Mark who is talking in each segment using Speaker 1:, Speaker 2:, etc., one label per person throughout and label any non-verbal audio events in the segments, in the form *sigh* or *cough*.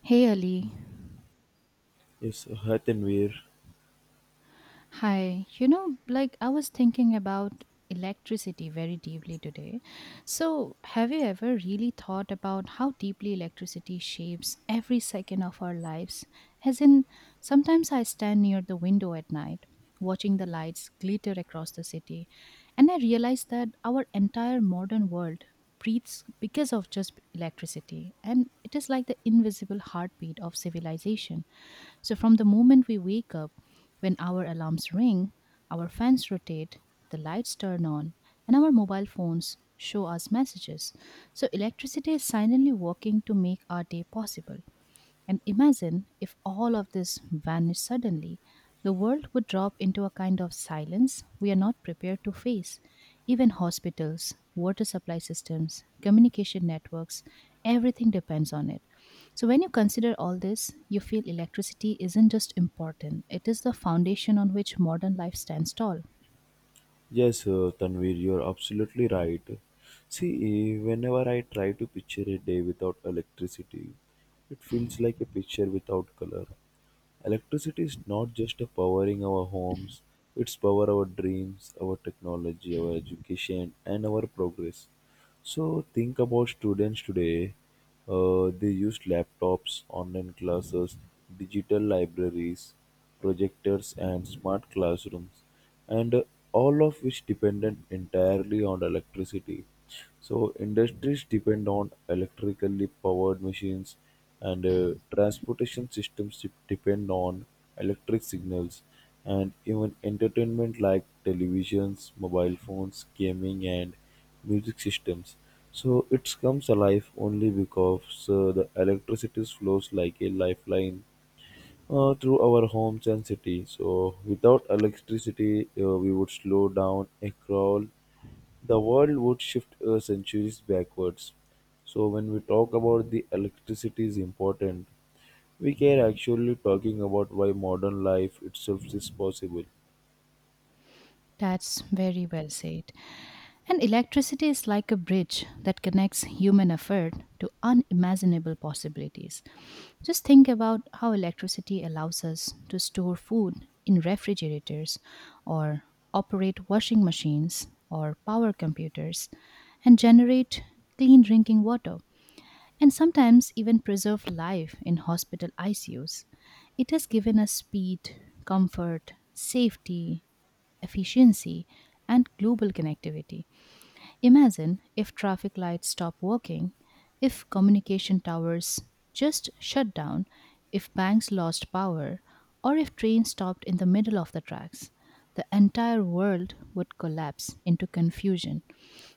Speaker 1: Hey Ali,
Speaker 2: Yes, hi Tanvir.
Speaker 1: hi. You know, like I was thinking about electricity very deeply today. So, have you ever really thought about how deeply electricity shapes every second of our lives? As in, sometimes I stand near the window at night, watching the lights glitter across the city, and I realize that our entire modern world breathes because of just electricity, and it is like the invisible heartbeat of civilization. So, from the moment we wake up, when our alarms ring, our fans rotate, the lights turn on, and our mobile phones show us messages. So, electricity is silently working to make our day possible. And imagine if all of this vanished suddenly. The world would drop into a kind of silence we are not prepared to face. Even hospitals, water supply systems, communication networks, everything depends on it. So, when you consider all this, you feel electricity isn't just important, it is the foundation on which modern life stands tall.
Speaker 2: Yes, Tanvir, you're absolutely right. See, whenever I try to picture a day without electricity, it feels like a picture without color. Electricity is not just a powering our homes, it's power our dreams, our technology, our education, and our progress. So think about students today. They use laptops, online classes, digital libraries, projectors, and smart classrooms. And all of which depended entirely on electricity. So industries depend on electrically powered machines, and transportation systems depend on electric signals, and even entertainment like televisions, mobile phones, gaming, and music systems. So it comes alive only because the electricity flows like a lifeline through our homes and city. So without electricity, we would slow down a crawl. The world would shift centuries backwards. So when we talk about the electricity is important, we can actually talking about why modern life itself is possible.
Speaker 1: That's very well said. And electricity is like a bridge that connects human effort to unimaginable possibilities. Just think about how electricity allows us to store food in refrigerators or operate washing machines or power computers and generate clean drinking water and sometimes even preserve life in hospital ICUs. It has given us speed, comfort, safety, efficiency, and global connectivity. Imagine if traffic lights stop working, if communication towers just shut down, if banks lost power, or if trains stopped in the middle of the tracks. The entire world would collapse into confusion.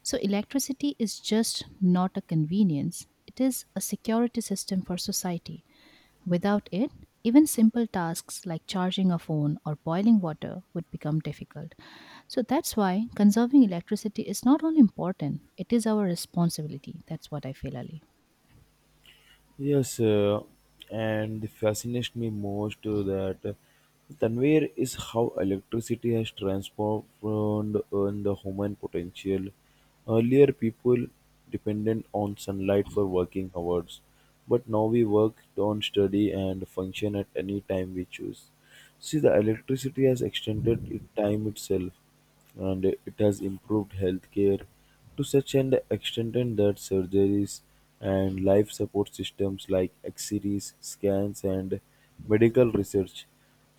Speaker 1: So, electricity is just not a convenience, it is a security system for society. Without it, even simple tasks like charging a phone or boiling water would become difficult. So that's why conserving electricity is not only important, it is our responsibility. That's what I feel, Ali.
Speaker 2: Yes, and it fascinates me most that Tanvir is how electricity has transformed on the human potential. Earlier, people depended on sunlight for working hours, but now we work on study and function at any time we choose. See, the electricity has extended it time itself and it has improved healthcare to such an extent that surgeries and life support systems like x-rays scans and medical research,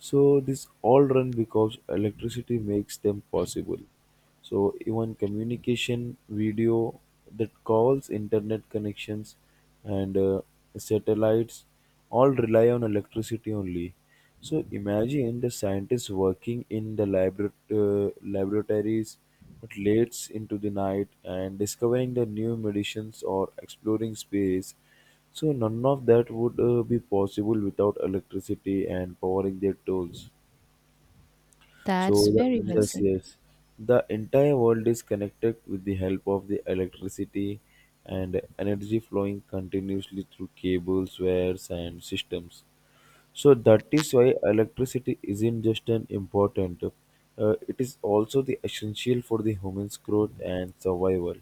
Speaker 2: so this all run because electricity makes them possible. So even communication, video that calls, internet connections, and satellites all rely on electricity only. So imagine the scientists working in the laboratories but late into the night and discovering the new medicines or exploring space. So none of that would be possible without electricity and powering their tools.
Speaker 1: That's
Speaker 2: So the,
Speaker 1: very well
Speaker 2: yes,
Speaker 1: said.
Speaker 2: yes, the entire world is connected with the help of the electricity, and energy flowing continuously through cables, wires, and systems. So that is why electricity isn't just an important; it is also the essential for the human's growth and survival.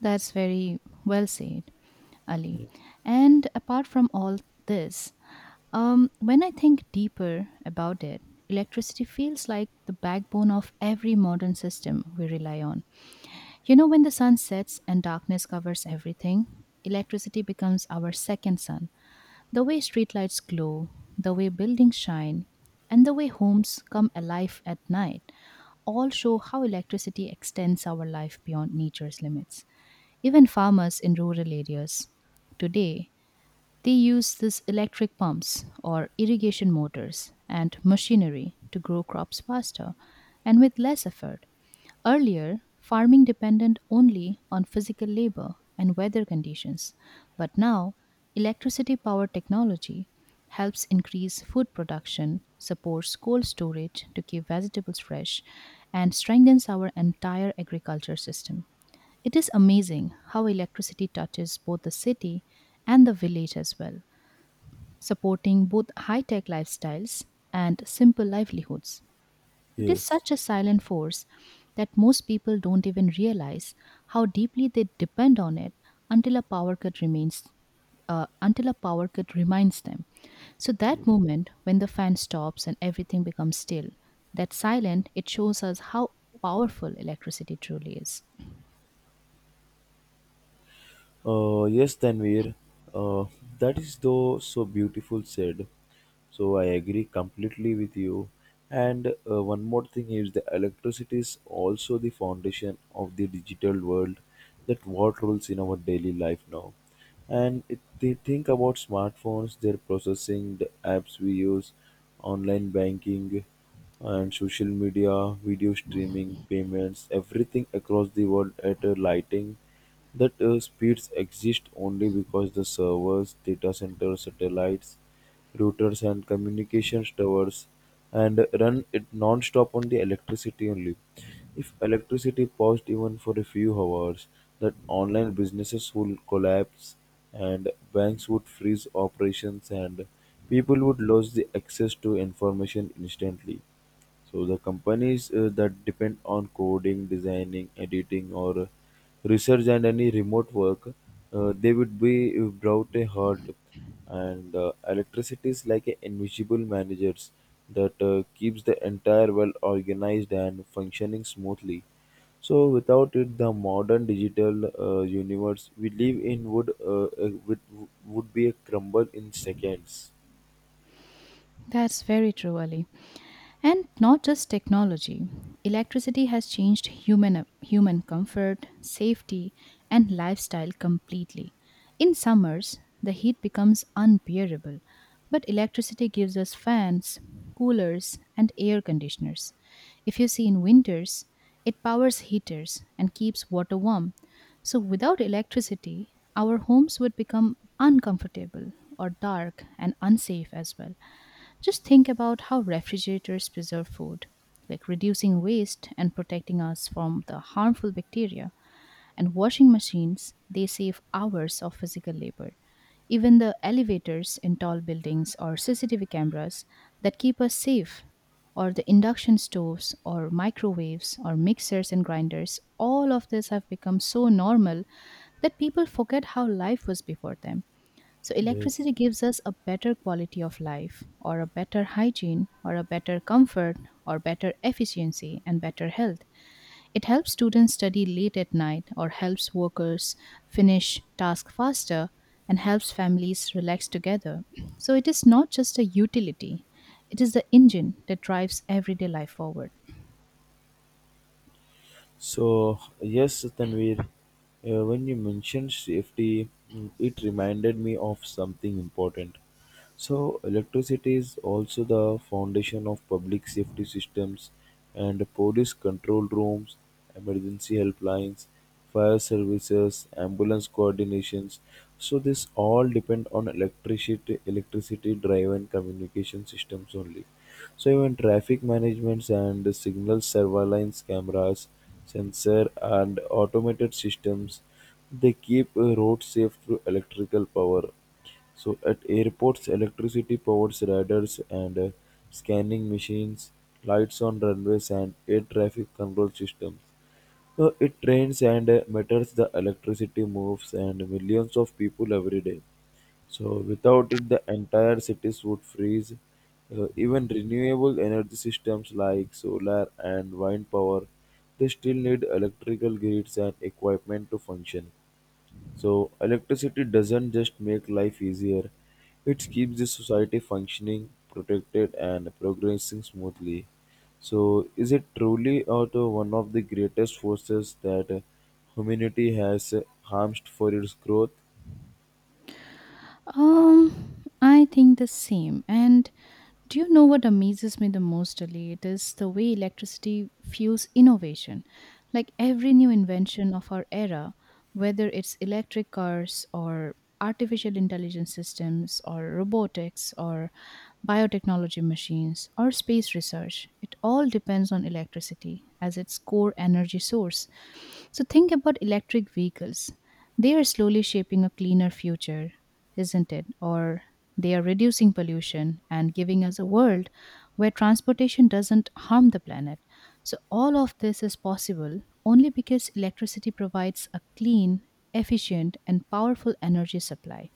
Speaker 1: That's very well said, Ali. And apart from all this, when I think deeper about it, electricity feels like the backbone of every modern system we rely on. You know, when the sun sets and darkness covers everything, electricity becomes our second sun. The way streetlights glow, the way buildings shine, and the way homes come alive at night all show how electricity extends our life beyond nature's limits. Even farmers in rural areas today, they use these electric pumps or irrigation motors and machinery to grow crops faster and with less effort. Earlier, farming depended only on physical labor and weather conditions, but now electricity powered technology helps increase food production, supports cold storage to keep vegetables fresh, and strengthens our entire agriculture system. It is amazing how electricity touches both the city and the village as well, supporting both high tech lifestyles and simple livelihoods. It is
Speaker 2: Yes.
Speaker 1: such a silent force that most people don't even realize how deeply they depend on it until a power cut remains until a power cut reminds them. So that moment when the fan stops and everything becomes still, that silent, it shows us how powerful electricity truly is.
Speaker 2: Yes, Tanvir, uh, that is though so beautiful said. So I agree completely with you. And one more thing is the electricity is also the foundation of the digital world that what rules in our daily life now. And if they think about smartphones, their processing, the apps we use, online banking and social media, video streaming, payments, everything across the world at a lighting that speeds exist only because the servers, data centers, satellites, routers, and communications towers and run it non-stop on the electricity only. If electricity paused even for a few hours, that online businesses would collapse and banks would freeze operations and people would lose the access to information instantly. So the companies that depend on coding, designing, editing, or research and any remote work, they would be brought a halt. And electricity is like a invisible managers that keeps the entire world organized and functioning smoothly. So without it, the modern digital universe we live in would be a crumble in seconds.
Speaker 1: That's very true, Ali. And not just technology. Electricity has changed human comfort, safety, and lifestyle completely. In summers, the heat becomes unbearable, but electricity gives us fans, coolers, and air conditioners. If you see in winters, it powers heaters and keeps water warm. So without electricity, our homes would become uncomfortable or dark and unsafe as well. Just think about how refrigerators preserve food, like reducing waste and protecting us from the harmful bacteria. And washing machines, they save hours of physical labor. Even the elevators in tall buildings or CCTV cameras that keep us safe, or the induction stoves or microwaves or mixers and grinders, all of this have become so normal that people forget how life was before them. So,
Speaker 2: Yes.
Speaker 1: electricity gives us a better quality of life, or a better hygiene, or a better comfort, or better efficiency, and better health. It helps students study late at night, or helps workers finish tasks faster, and helps families relax together. *clears throat* So, it is not just a utility, it is the engine that drives everyday life forward.
Speaker 2: So yes, Tanvir, when you mentioned safety, it reminded me of something important. So electricity is also the foundation of public safety systems and police control rooms, emergency helplines, fire services, ambulance coordinations. So this all depend on electricity, electricity driven communication systems only. So even traffic managements and the signal surveillance cameras, sensor and automated systems, they keep roads safe through electrical power. So at airports, electricity powers radars and scanning machines, lights on runways, and air traffic control systems. So it rains and matters the electricity moves and millions of people every day. So without it, the entire cities would freeze. Even renewable energy systems like solar and wind power, they still need electrical grids and equipment to function. So electricity doesn't just make life easier, it keeps the society functioning, protected and progressing smoothly. So is it truly or the one of the greatest forces that humanity has harmed for its growth?
Speaker 1: I think the same. And do you know what amazes me the most, Ali? It is the way electricity fuels innovation. Like every new invention of our era, whether it's electric cars or artificial intelligence systems or robotics or biotechnology machines or space research, it all depends on electricity as its core energy source. So think about electric vehicles. They are slowly shaping a cleaner future, isn't it? Or they are reducing pollution and giving us a world where transportation doesn't harm the planet. So all of this is possible only because electricity provides a clean, efficient, and powerful energy supply.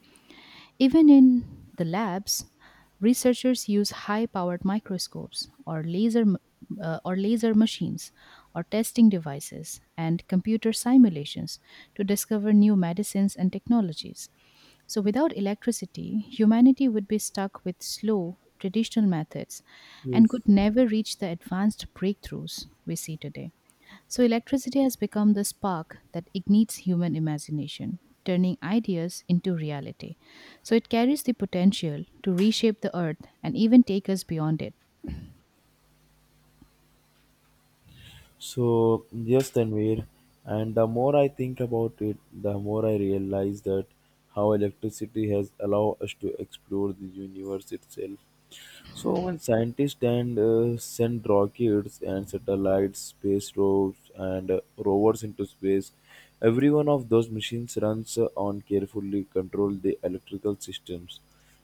Speaker 1: Even in the labs, researchers use high-powered microscopes or or laser machines or testing devices and computer simulations to discover new medicines and technologies. So without electricity, humanity would be stuck with slow traditional methods and
Speaker 2: Yes.
Speaker 1: could never reach the advanced breakthroughs we see today. So, electricity has become the spark that ignites human imagination, turning ideas into reality. So, it carries the potential to reshape the earth and even take us beyond it.
Speaker 2: So, yes, Tanvir, and the more I think about it, the more I realize that how electricity has allowed us to explore the universe itself. So, when scientists and send rockets and satellites, space probes, and rovers into space, every one of those machines runs on carefully controlled the electrical systems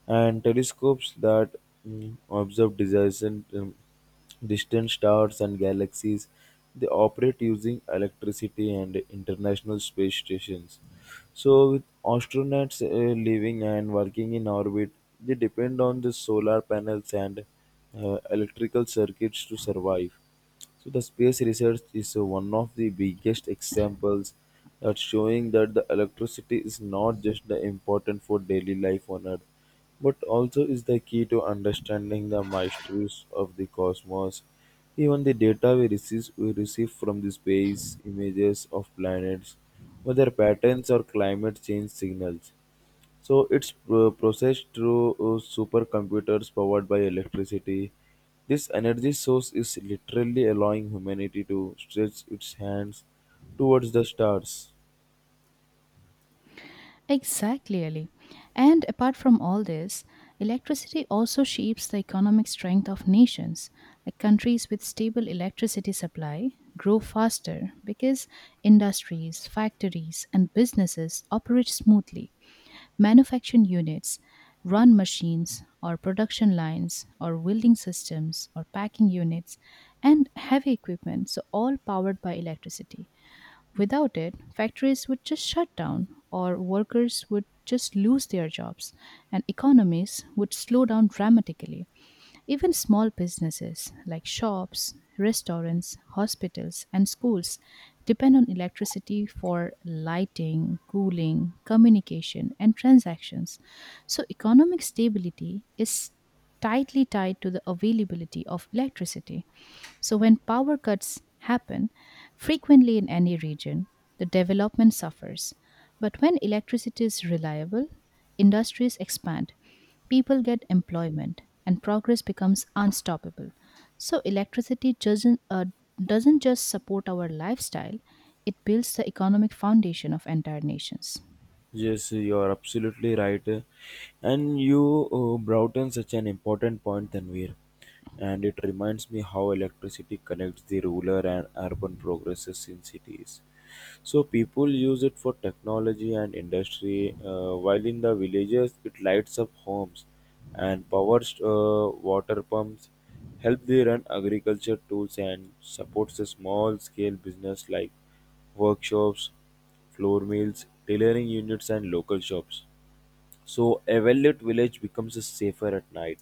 Speaker 2: and telescopes that observe disasters. Distant stars and galaxies. They operate using electricity and international space stations. So, with astronauts living and working in orbit, they depend on the solar panels and electrical circuits to survive. So the space research is one of the biggest examples that showing that the electricity is not just the important for daily life on Earth, but also is the key to understanding the mysteries of the cosmos. Even the data we receive from the space, images of planets, weather patterns or climate change signals, so it's processed through supercomputers powered by electricity. This energy source is literally allowing humanity to stretch its hands towards the stars.
Speaker 1: Exactly, Ali. And apart from all this, electricity also shapes the economic strength of nations. Like countries with stable electricity supply grow faster because industries, factories, and businesses operate smoothly. Manufacturing units run machines or production lines or welding systems or packing units and heavy equipment, so all powered by electricity. Without it, factories would just shut down or workers would just lose their jobs and economies would slow down dramatically. Even small businesses like shops, restaurants, hospitals, and schools depend on electricity for lighting, cooling, communication, and transactions. So, economic stability is tightly tied to the availability of electricity. So, when power cuts happen frequently in any region, the development suffers. But when electricity is reliable, industries expand, people get employment, and progress becomes unstoppable. So electricity doesn't just support our lifestyle, it builds the economic foundation of entire nations.
Speaker 2: Yes, you are absolutely right. And you brought in such an important point, Tanvir. And it reminds me how electricity connects the rural and urban progresses in cities. So people use it for technology and industry, while in the villages it lights up homes and powers water pumps, help they run agriculture tools and supports a small scale business like workshops, floor mills, tailoring units and local shops. So a well-lit village becomes safer at night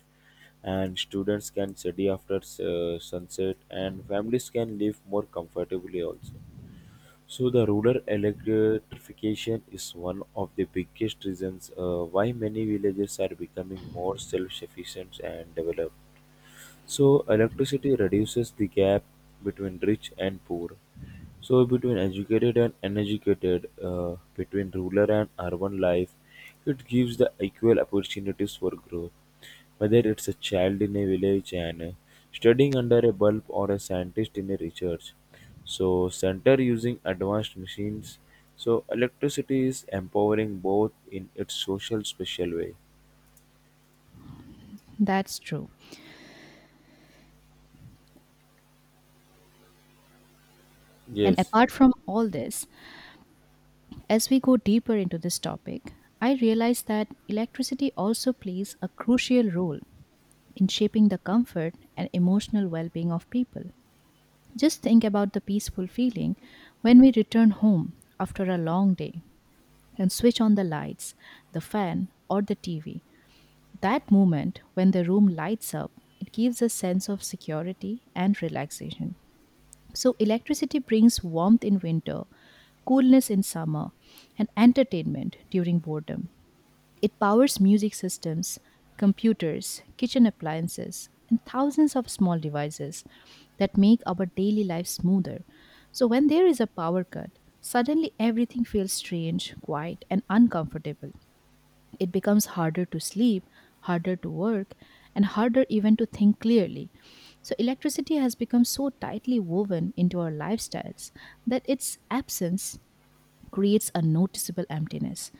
Speaker 2: and students can study after sunset and families can live more comfortably also. So the rural electrification is one of the biggest reasons why many villages are becoming more self-sufficient and developed. So electricity reduces the gap between rich and poor. So between educated and uneducated, between rural and urban life, it gives the equal opportunities for growth. Whether it's a child in a village and studying under a bulb or a scientist in a research, so center using advanced machines. So electricity is empowering both in its social special way.
Speaker 1: That's true. And
Speaker 2: Yes.
Speaker 1: apart from all this, as we go deeper into this topic, I realize that electricity also plays a crucial role in shaping the comfort and emotional well-being of people. Just think about the peaceful feeling when we return home after a long day and switch on the lights, the fan, or the TV. That moment when the room lights up, it gives a sense of security and relaxation. So, electricity brings warmth in winter, coolness in summer, and entertainment during boredom. It powers music systems, computers, kitchen appliances, and thousands of small devices that make our daily life smoother. So, when there is a power cut, suddenly everything feels strange, quiet, and uncomfortable. It becomes harder to sleep, harder to work, and harder even to think clearly. So, electricity has become so tightly woven into our lifestyles that its absence creates a noticeable emptiness.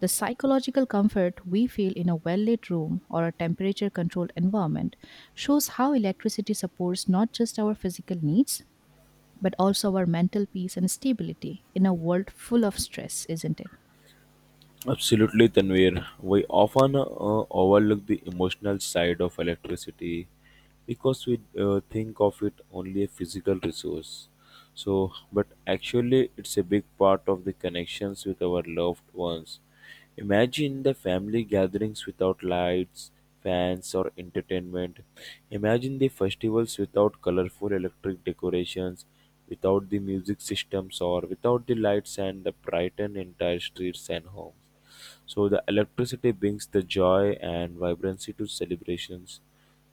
Speaker 1: The psychological comfort we feel in a well lit room or a temperature controlled environment shows how electricity supports not just our physical needs, but also our mental peace and stability in a world full of stress, isn't it?
Speaker 2: Absolutely, Tanvir. We often overlook the emotional side of electricity because we think of it only a physical resource. So, but actually, it's a big part of the connections with our loved ones. Imagine the family gatherings without lights, fans, or entertainment. Imagine the festivals without colorful electric decorations, without the music systems, or without the lights and the brighten entire streets and homes. So the electricity brings the joy and vibrancy to celebrations,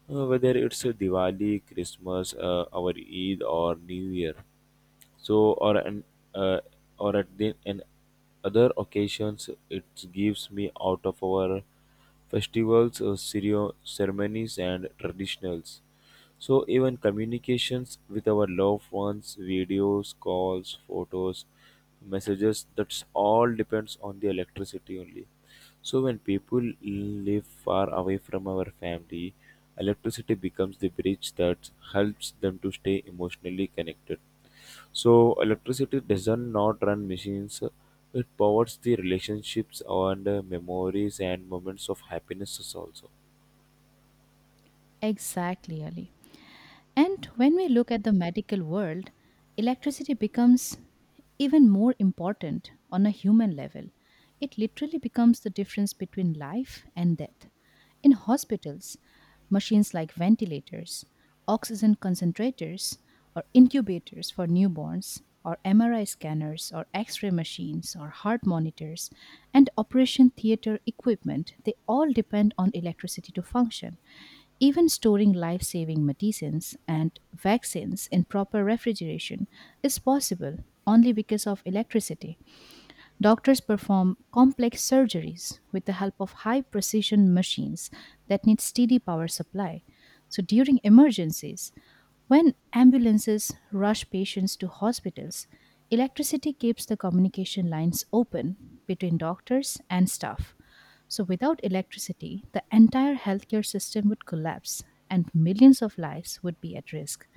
Speaker 2: whether it's a Diwali, Christmas, our Eid, or New Year. So or an uh, or at the and other occasions, it gives me out of our festivals, ceremonies, and traditionals. So even communications with our loved ones, videos, calls, photos, messages, that's all depends on the electricity only. So when people live far away from our family, electricity becomes the bridge that helps them to stay emotionally connected. So electricity doesn't not run machines. It powers the relationships and memories and moments of happiness also.
Speaker 1: Exactly, Ali. And when we look at the medical world, electricity becomes even more important on a human level. It literally becomes the difference between life and death. In hospitals, machines like ventilators, oxygen concentrators, or incubators for newborns, or MRI scanners, or x ray machines, or heart monitors, and operation theater equipment, they all depend on electricity to function. Even storing life saving medicines and vaccines in proper refrigeration is possible only because of electricity. Doctors perform complex surgeries with the help of high precision machines that need steady power supply. So, during emergencies, when ambulances rush patients to hospitals, electricity keeps the communication lines open between doctors and staff. So, without electricity, the entire healthcare system would collapse and millions of lives would be at risk.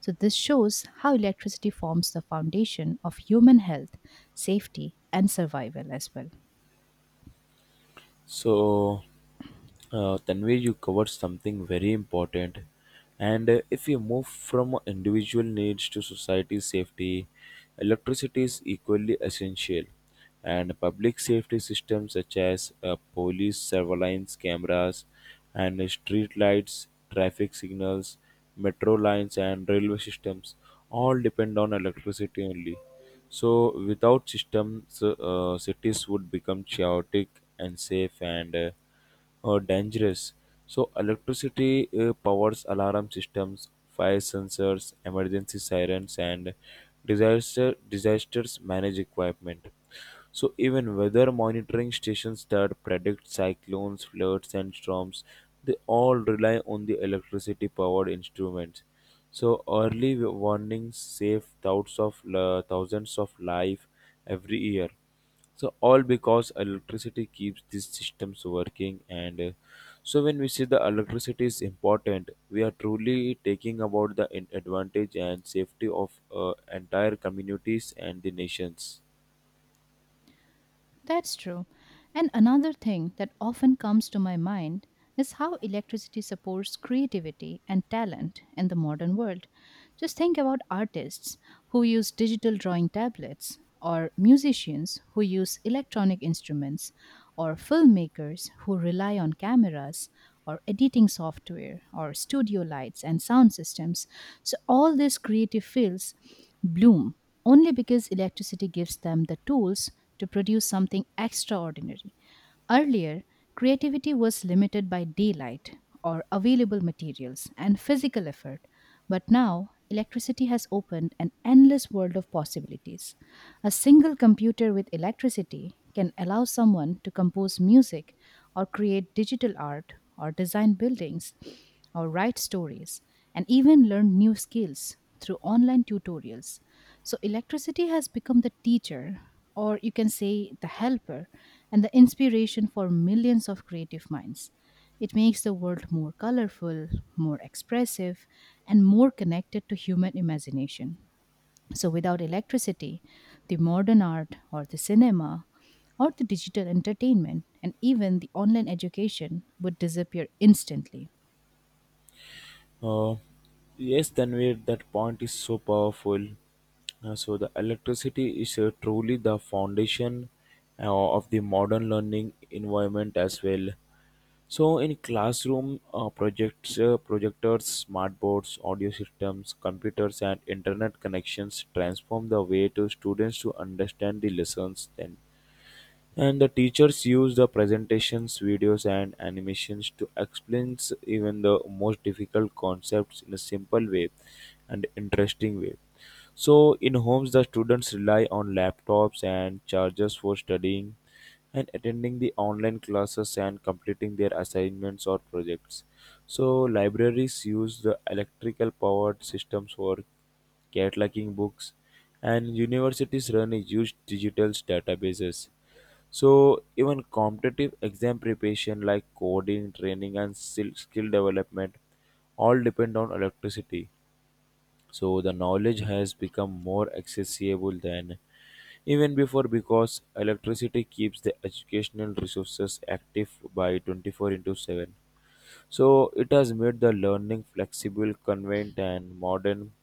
Speaker 1: So, this shows how electricity forms the foundation of human health, safety, and survival as well.
Speaker 2: So Tanvir, you covered something very important. And if you move from individual needs to society safety, electricity is equally essential. And public safety systems such as police surveillance cameras and street lights, traffic signals, metro lines, and railway systems all depend on electricity only. So, without systems, cities would become chaotic, and safe and dangerous. So electricity powers alarm systems, fire sensors, emergency sirens, and disaster disasters manage equipment. So even weather monitoring stations that predict cyclones, floods, and storms, they all rely on the electricity powered instruments. So early warnings save thousands of life every year. So all because electricity keeps these systems working, and so when we say the electricity is important, we are truly taking about the advantage and safety of entire communities and the nations.
Speaker 1: That's true. And another thing that often comes to my mind is how electricity supports creativity and talent in the modern world. Just think about artists who use digital drawing tablets, or musicians who use electronic instruments, or filmmakers who rely on cameras, or editing software, or studio lights and sound systems. So, all these creative fields bloom only because electricity gives them the tools to produce something extraordinary. Earlier, creativity was limited by daylight or available materials and physical effort, but now electricity has opened an endless world of possibilities. A single computer with electricity can allow someone to compose music or create digital art or design buildings or write stories and even learn new skills through online tutorials. So electricity has become the teacher, or you can say the helper, and the inspiration for millions of creative minds. It makes the world more colorful, more expressive, and more connected to human imagination. So, without electricity, the modern art or the cinema or the digital entertainment and even the online education would disappear instantly.
Speaker 2: Uh, yes, Tanvir, that point is so powerful. So the electricity is truly the foundation of the modern learning environment as well. So in classroom, projectors, smart boards, audio systems, computers, and internet connections transform the way to students to understand the lessons. Then and the teachers use the presentations, videos, and animations to explain even the most difficult concepts in a simple way and interesting way. So, in homes, the students rely on laptops and chargers for studying and attending the online classes and completing their assignments or projects. So, libraries use the electrical powered systems for cataloging books, and universities run a huge digital databases, so even competitive exam preparation like coding, training and skill development all depend on electricity. So the knowledge has become more accessible than even before because electricity keeps the educational resources active by 24 into 7, so it has made the learning flexible, convenient, and modern.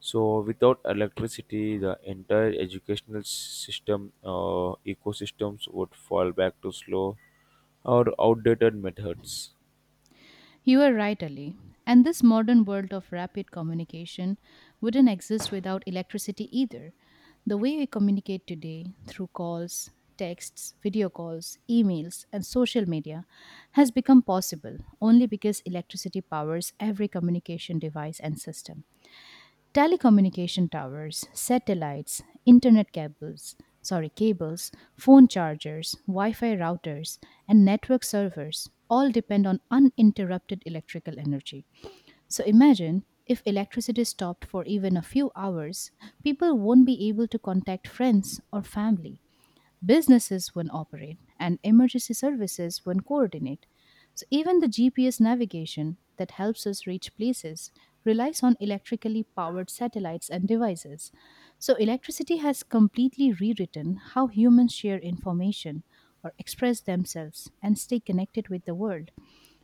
Speaker 2: So without electricity, the entire educational system ecosystems would fall back to slow or outdated methods.
Speaker 1: You are right, Ali. And this modern world of rapid communication wouldn't exist without electricity either. The way we communicate today through calls, texts, video calls, emails, and social media has become possible only because electricity powers every communication device and system. Telecommunication towers, satellites, internet cables, sorry, cables, phone chargers, Wi-Fi routers, and network servers all depend on uninterrupted electrical energy. So imagine if electricity stopped for even a few hours, people won't be able to contact friends or family, businesses when operate, and emergency services when coordinate. So, even the GPS navigation that helps us reach places relies on electrically powered satellites and devices. So, electricity has completely rewritten how humans share information or express themselves and stay connected with the world.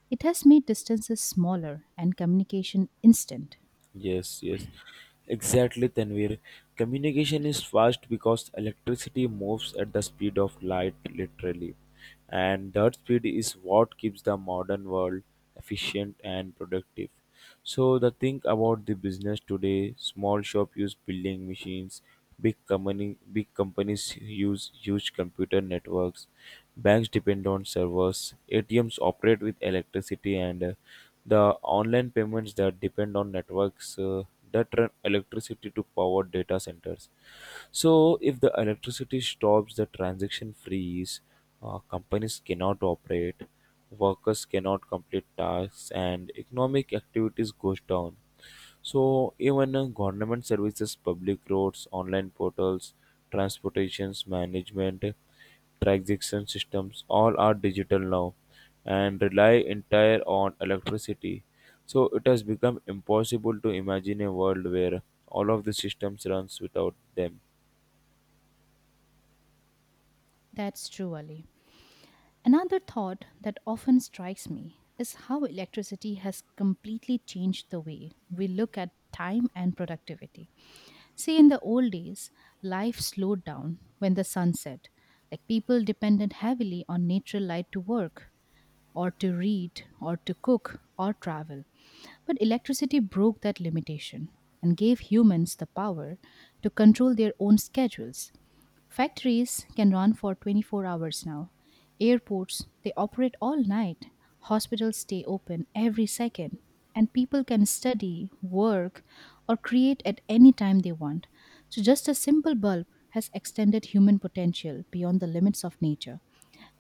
Speaker 1: It has made distances smaller and communication instant.
Speaker 2: Yes, yes, exactly, Tanvir. Communication is fast because electricity moves at the speed of light, literally. And that speed is what keeps the modern world efficient and productive. So, the thing about the business today small shop use building machines, big companies use huge computer networks, banks depend on servers, ATMs operate with electricity, and the online payments that depend on networks that run electricity to power data centers. So, if the electricity stops, the transaction freeze, companies cannot operate, workers cannot complete tasks, and economic activities goes down. So even government services, public roads, online portals, transportations management, transaction systems, all are digital now and rely entire on electricity. So it has become impossible to imagine a world where all of the systems runs without them.
Speaker 1: That's true, Ali. Another thought that often strikes me is how electricity has completely changed the way we look at time and productivity. See, in the old days, life slowed down when the sun set. Like people depended heavily on natural light to work, or to read, or to cook, or travel. But electricity broke that limitation and gave humans the power to control their own schedules. Factories can run for 24 hours now. Airports, they operate all night. Hospitals stay open every second. And people can study, work, or create at any time they want. So, just a simple bulb has extended human potential beyond the limits of nature.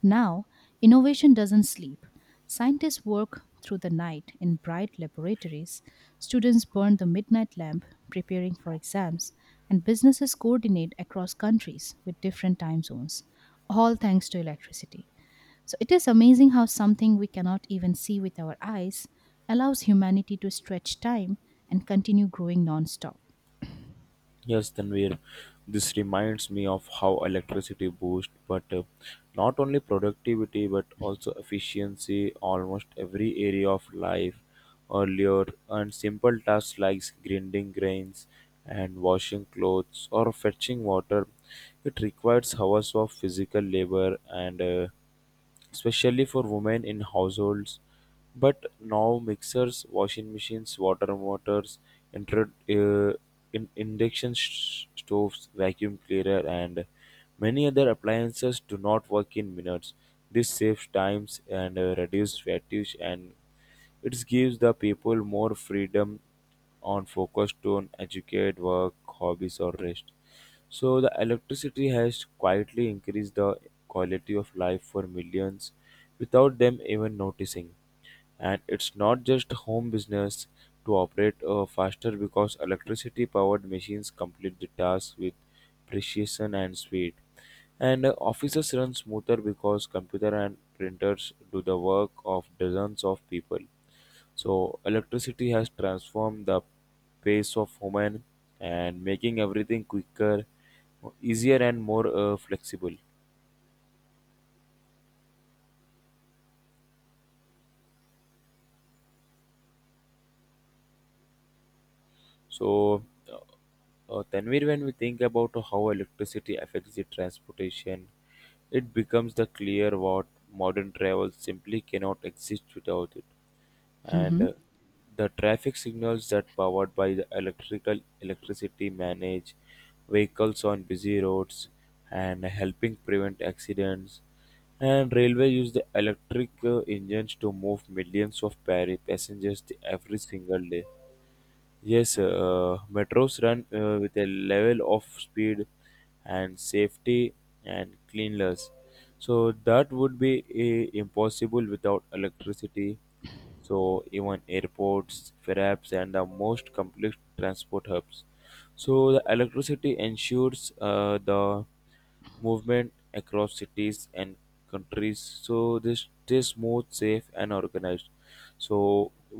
Speaker 1: Now, innovation doesn't sleep. Scientists work through the night in bright laboratories, students burn the midnight lamp preparing for exams, and businesses coordinate across countries with different time zones, all thanks to electricity. So it is amazing how something we cannot even see with our eyes allows humanity to stretch time and continue growing non-stop.
Speaker 2: Yes, Tanvir, this reminds me of how electricity boosts, but not only productivity but also efficiency almost every area of life. Earlier, and simple tasks like grinding grains and washing clothes or fetching water, it requires hours of physical labor and especially for women in households. But now mixers, washing machines, water motors, inter, uh, in, induction sh- stoves, vacuum cleaner, and many other appliances do not work in minutes. This saves times and reduces fatigue and it gives the people more freedom on focus on educate, work, hobbies or rest. So the electricity has quietly increased the quality of life for millions without them even noticing. And it's not just home business to operate faster because electricity powered machines complete the task with precision and speed. And offices run smoother because computer and printers do the work of dozens of people. So electricity has transformed the pace of human and making everything quicker, easier and more flexible. So, uh, Tanvir, when we think about how electricity affects the transportation, it becomes the clear what modern travel simply cannot exist without it. And
Speaker 1: Mhm.
Speaker 2: the traffic signals that powered by the electrical electricity manage vehicles on busy roads and helping prevent accidents. And railway use the electric engines to move millions of passengers every single day. Yes, metros run with a level of speed and safety and cleanliness. So that would be impossible without electricity. So even airports, perhaps, and the most complex transport hubs. So the electricity ensures the movement across cities and countries so they stay smooth safe and organized, so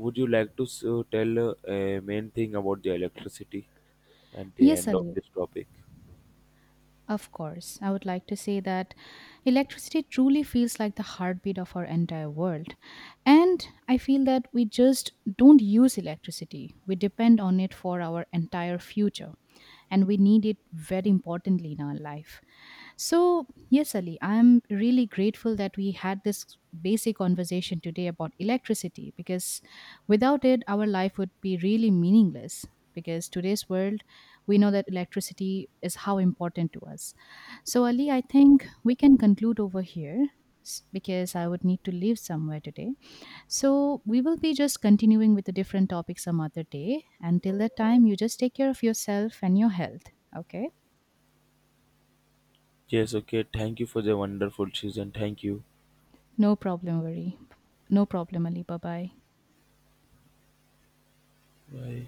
Speaker 2: would you like to tell a main thing about the electricity at the
Speaker 1: Yes,
Speaker 2: end of
Speaker 1: Ali.
Speaker 2: this topic?
Speaker 1: Of course, I would like to say that electricity truly feels like the heartbeat of our entire world. And I feel that we just don't use electricity, we depend on it for our entire future, and we need it very importantly in our life. So, yes, Ali, I'm really grateful that we had this basic conversation today about electricity because without it, our life would be really meaningless. Because today's world, we know that electricity is how important to us. So, Ali, I think we can conclude over here because I would need to leave somewhere today. So, we will be just continuing with a different topic some other day. Until that time, you just take care of yourself and your health. Okay?
Speaker 2: Yes, okay, thank you for the wonderful season, thank you.
Speaker 1: No problem, worry. No problem, Ali. Bye bye.
Speaker 2: Bye.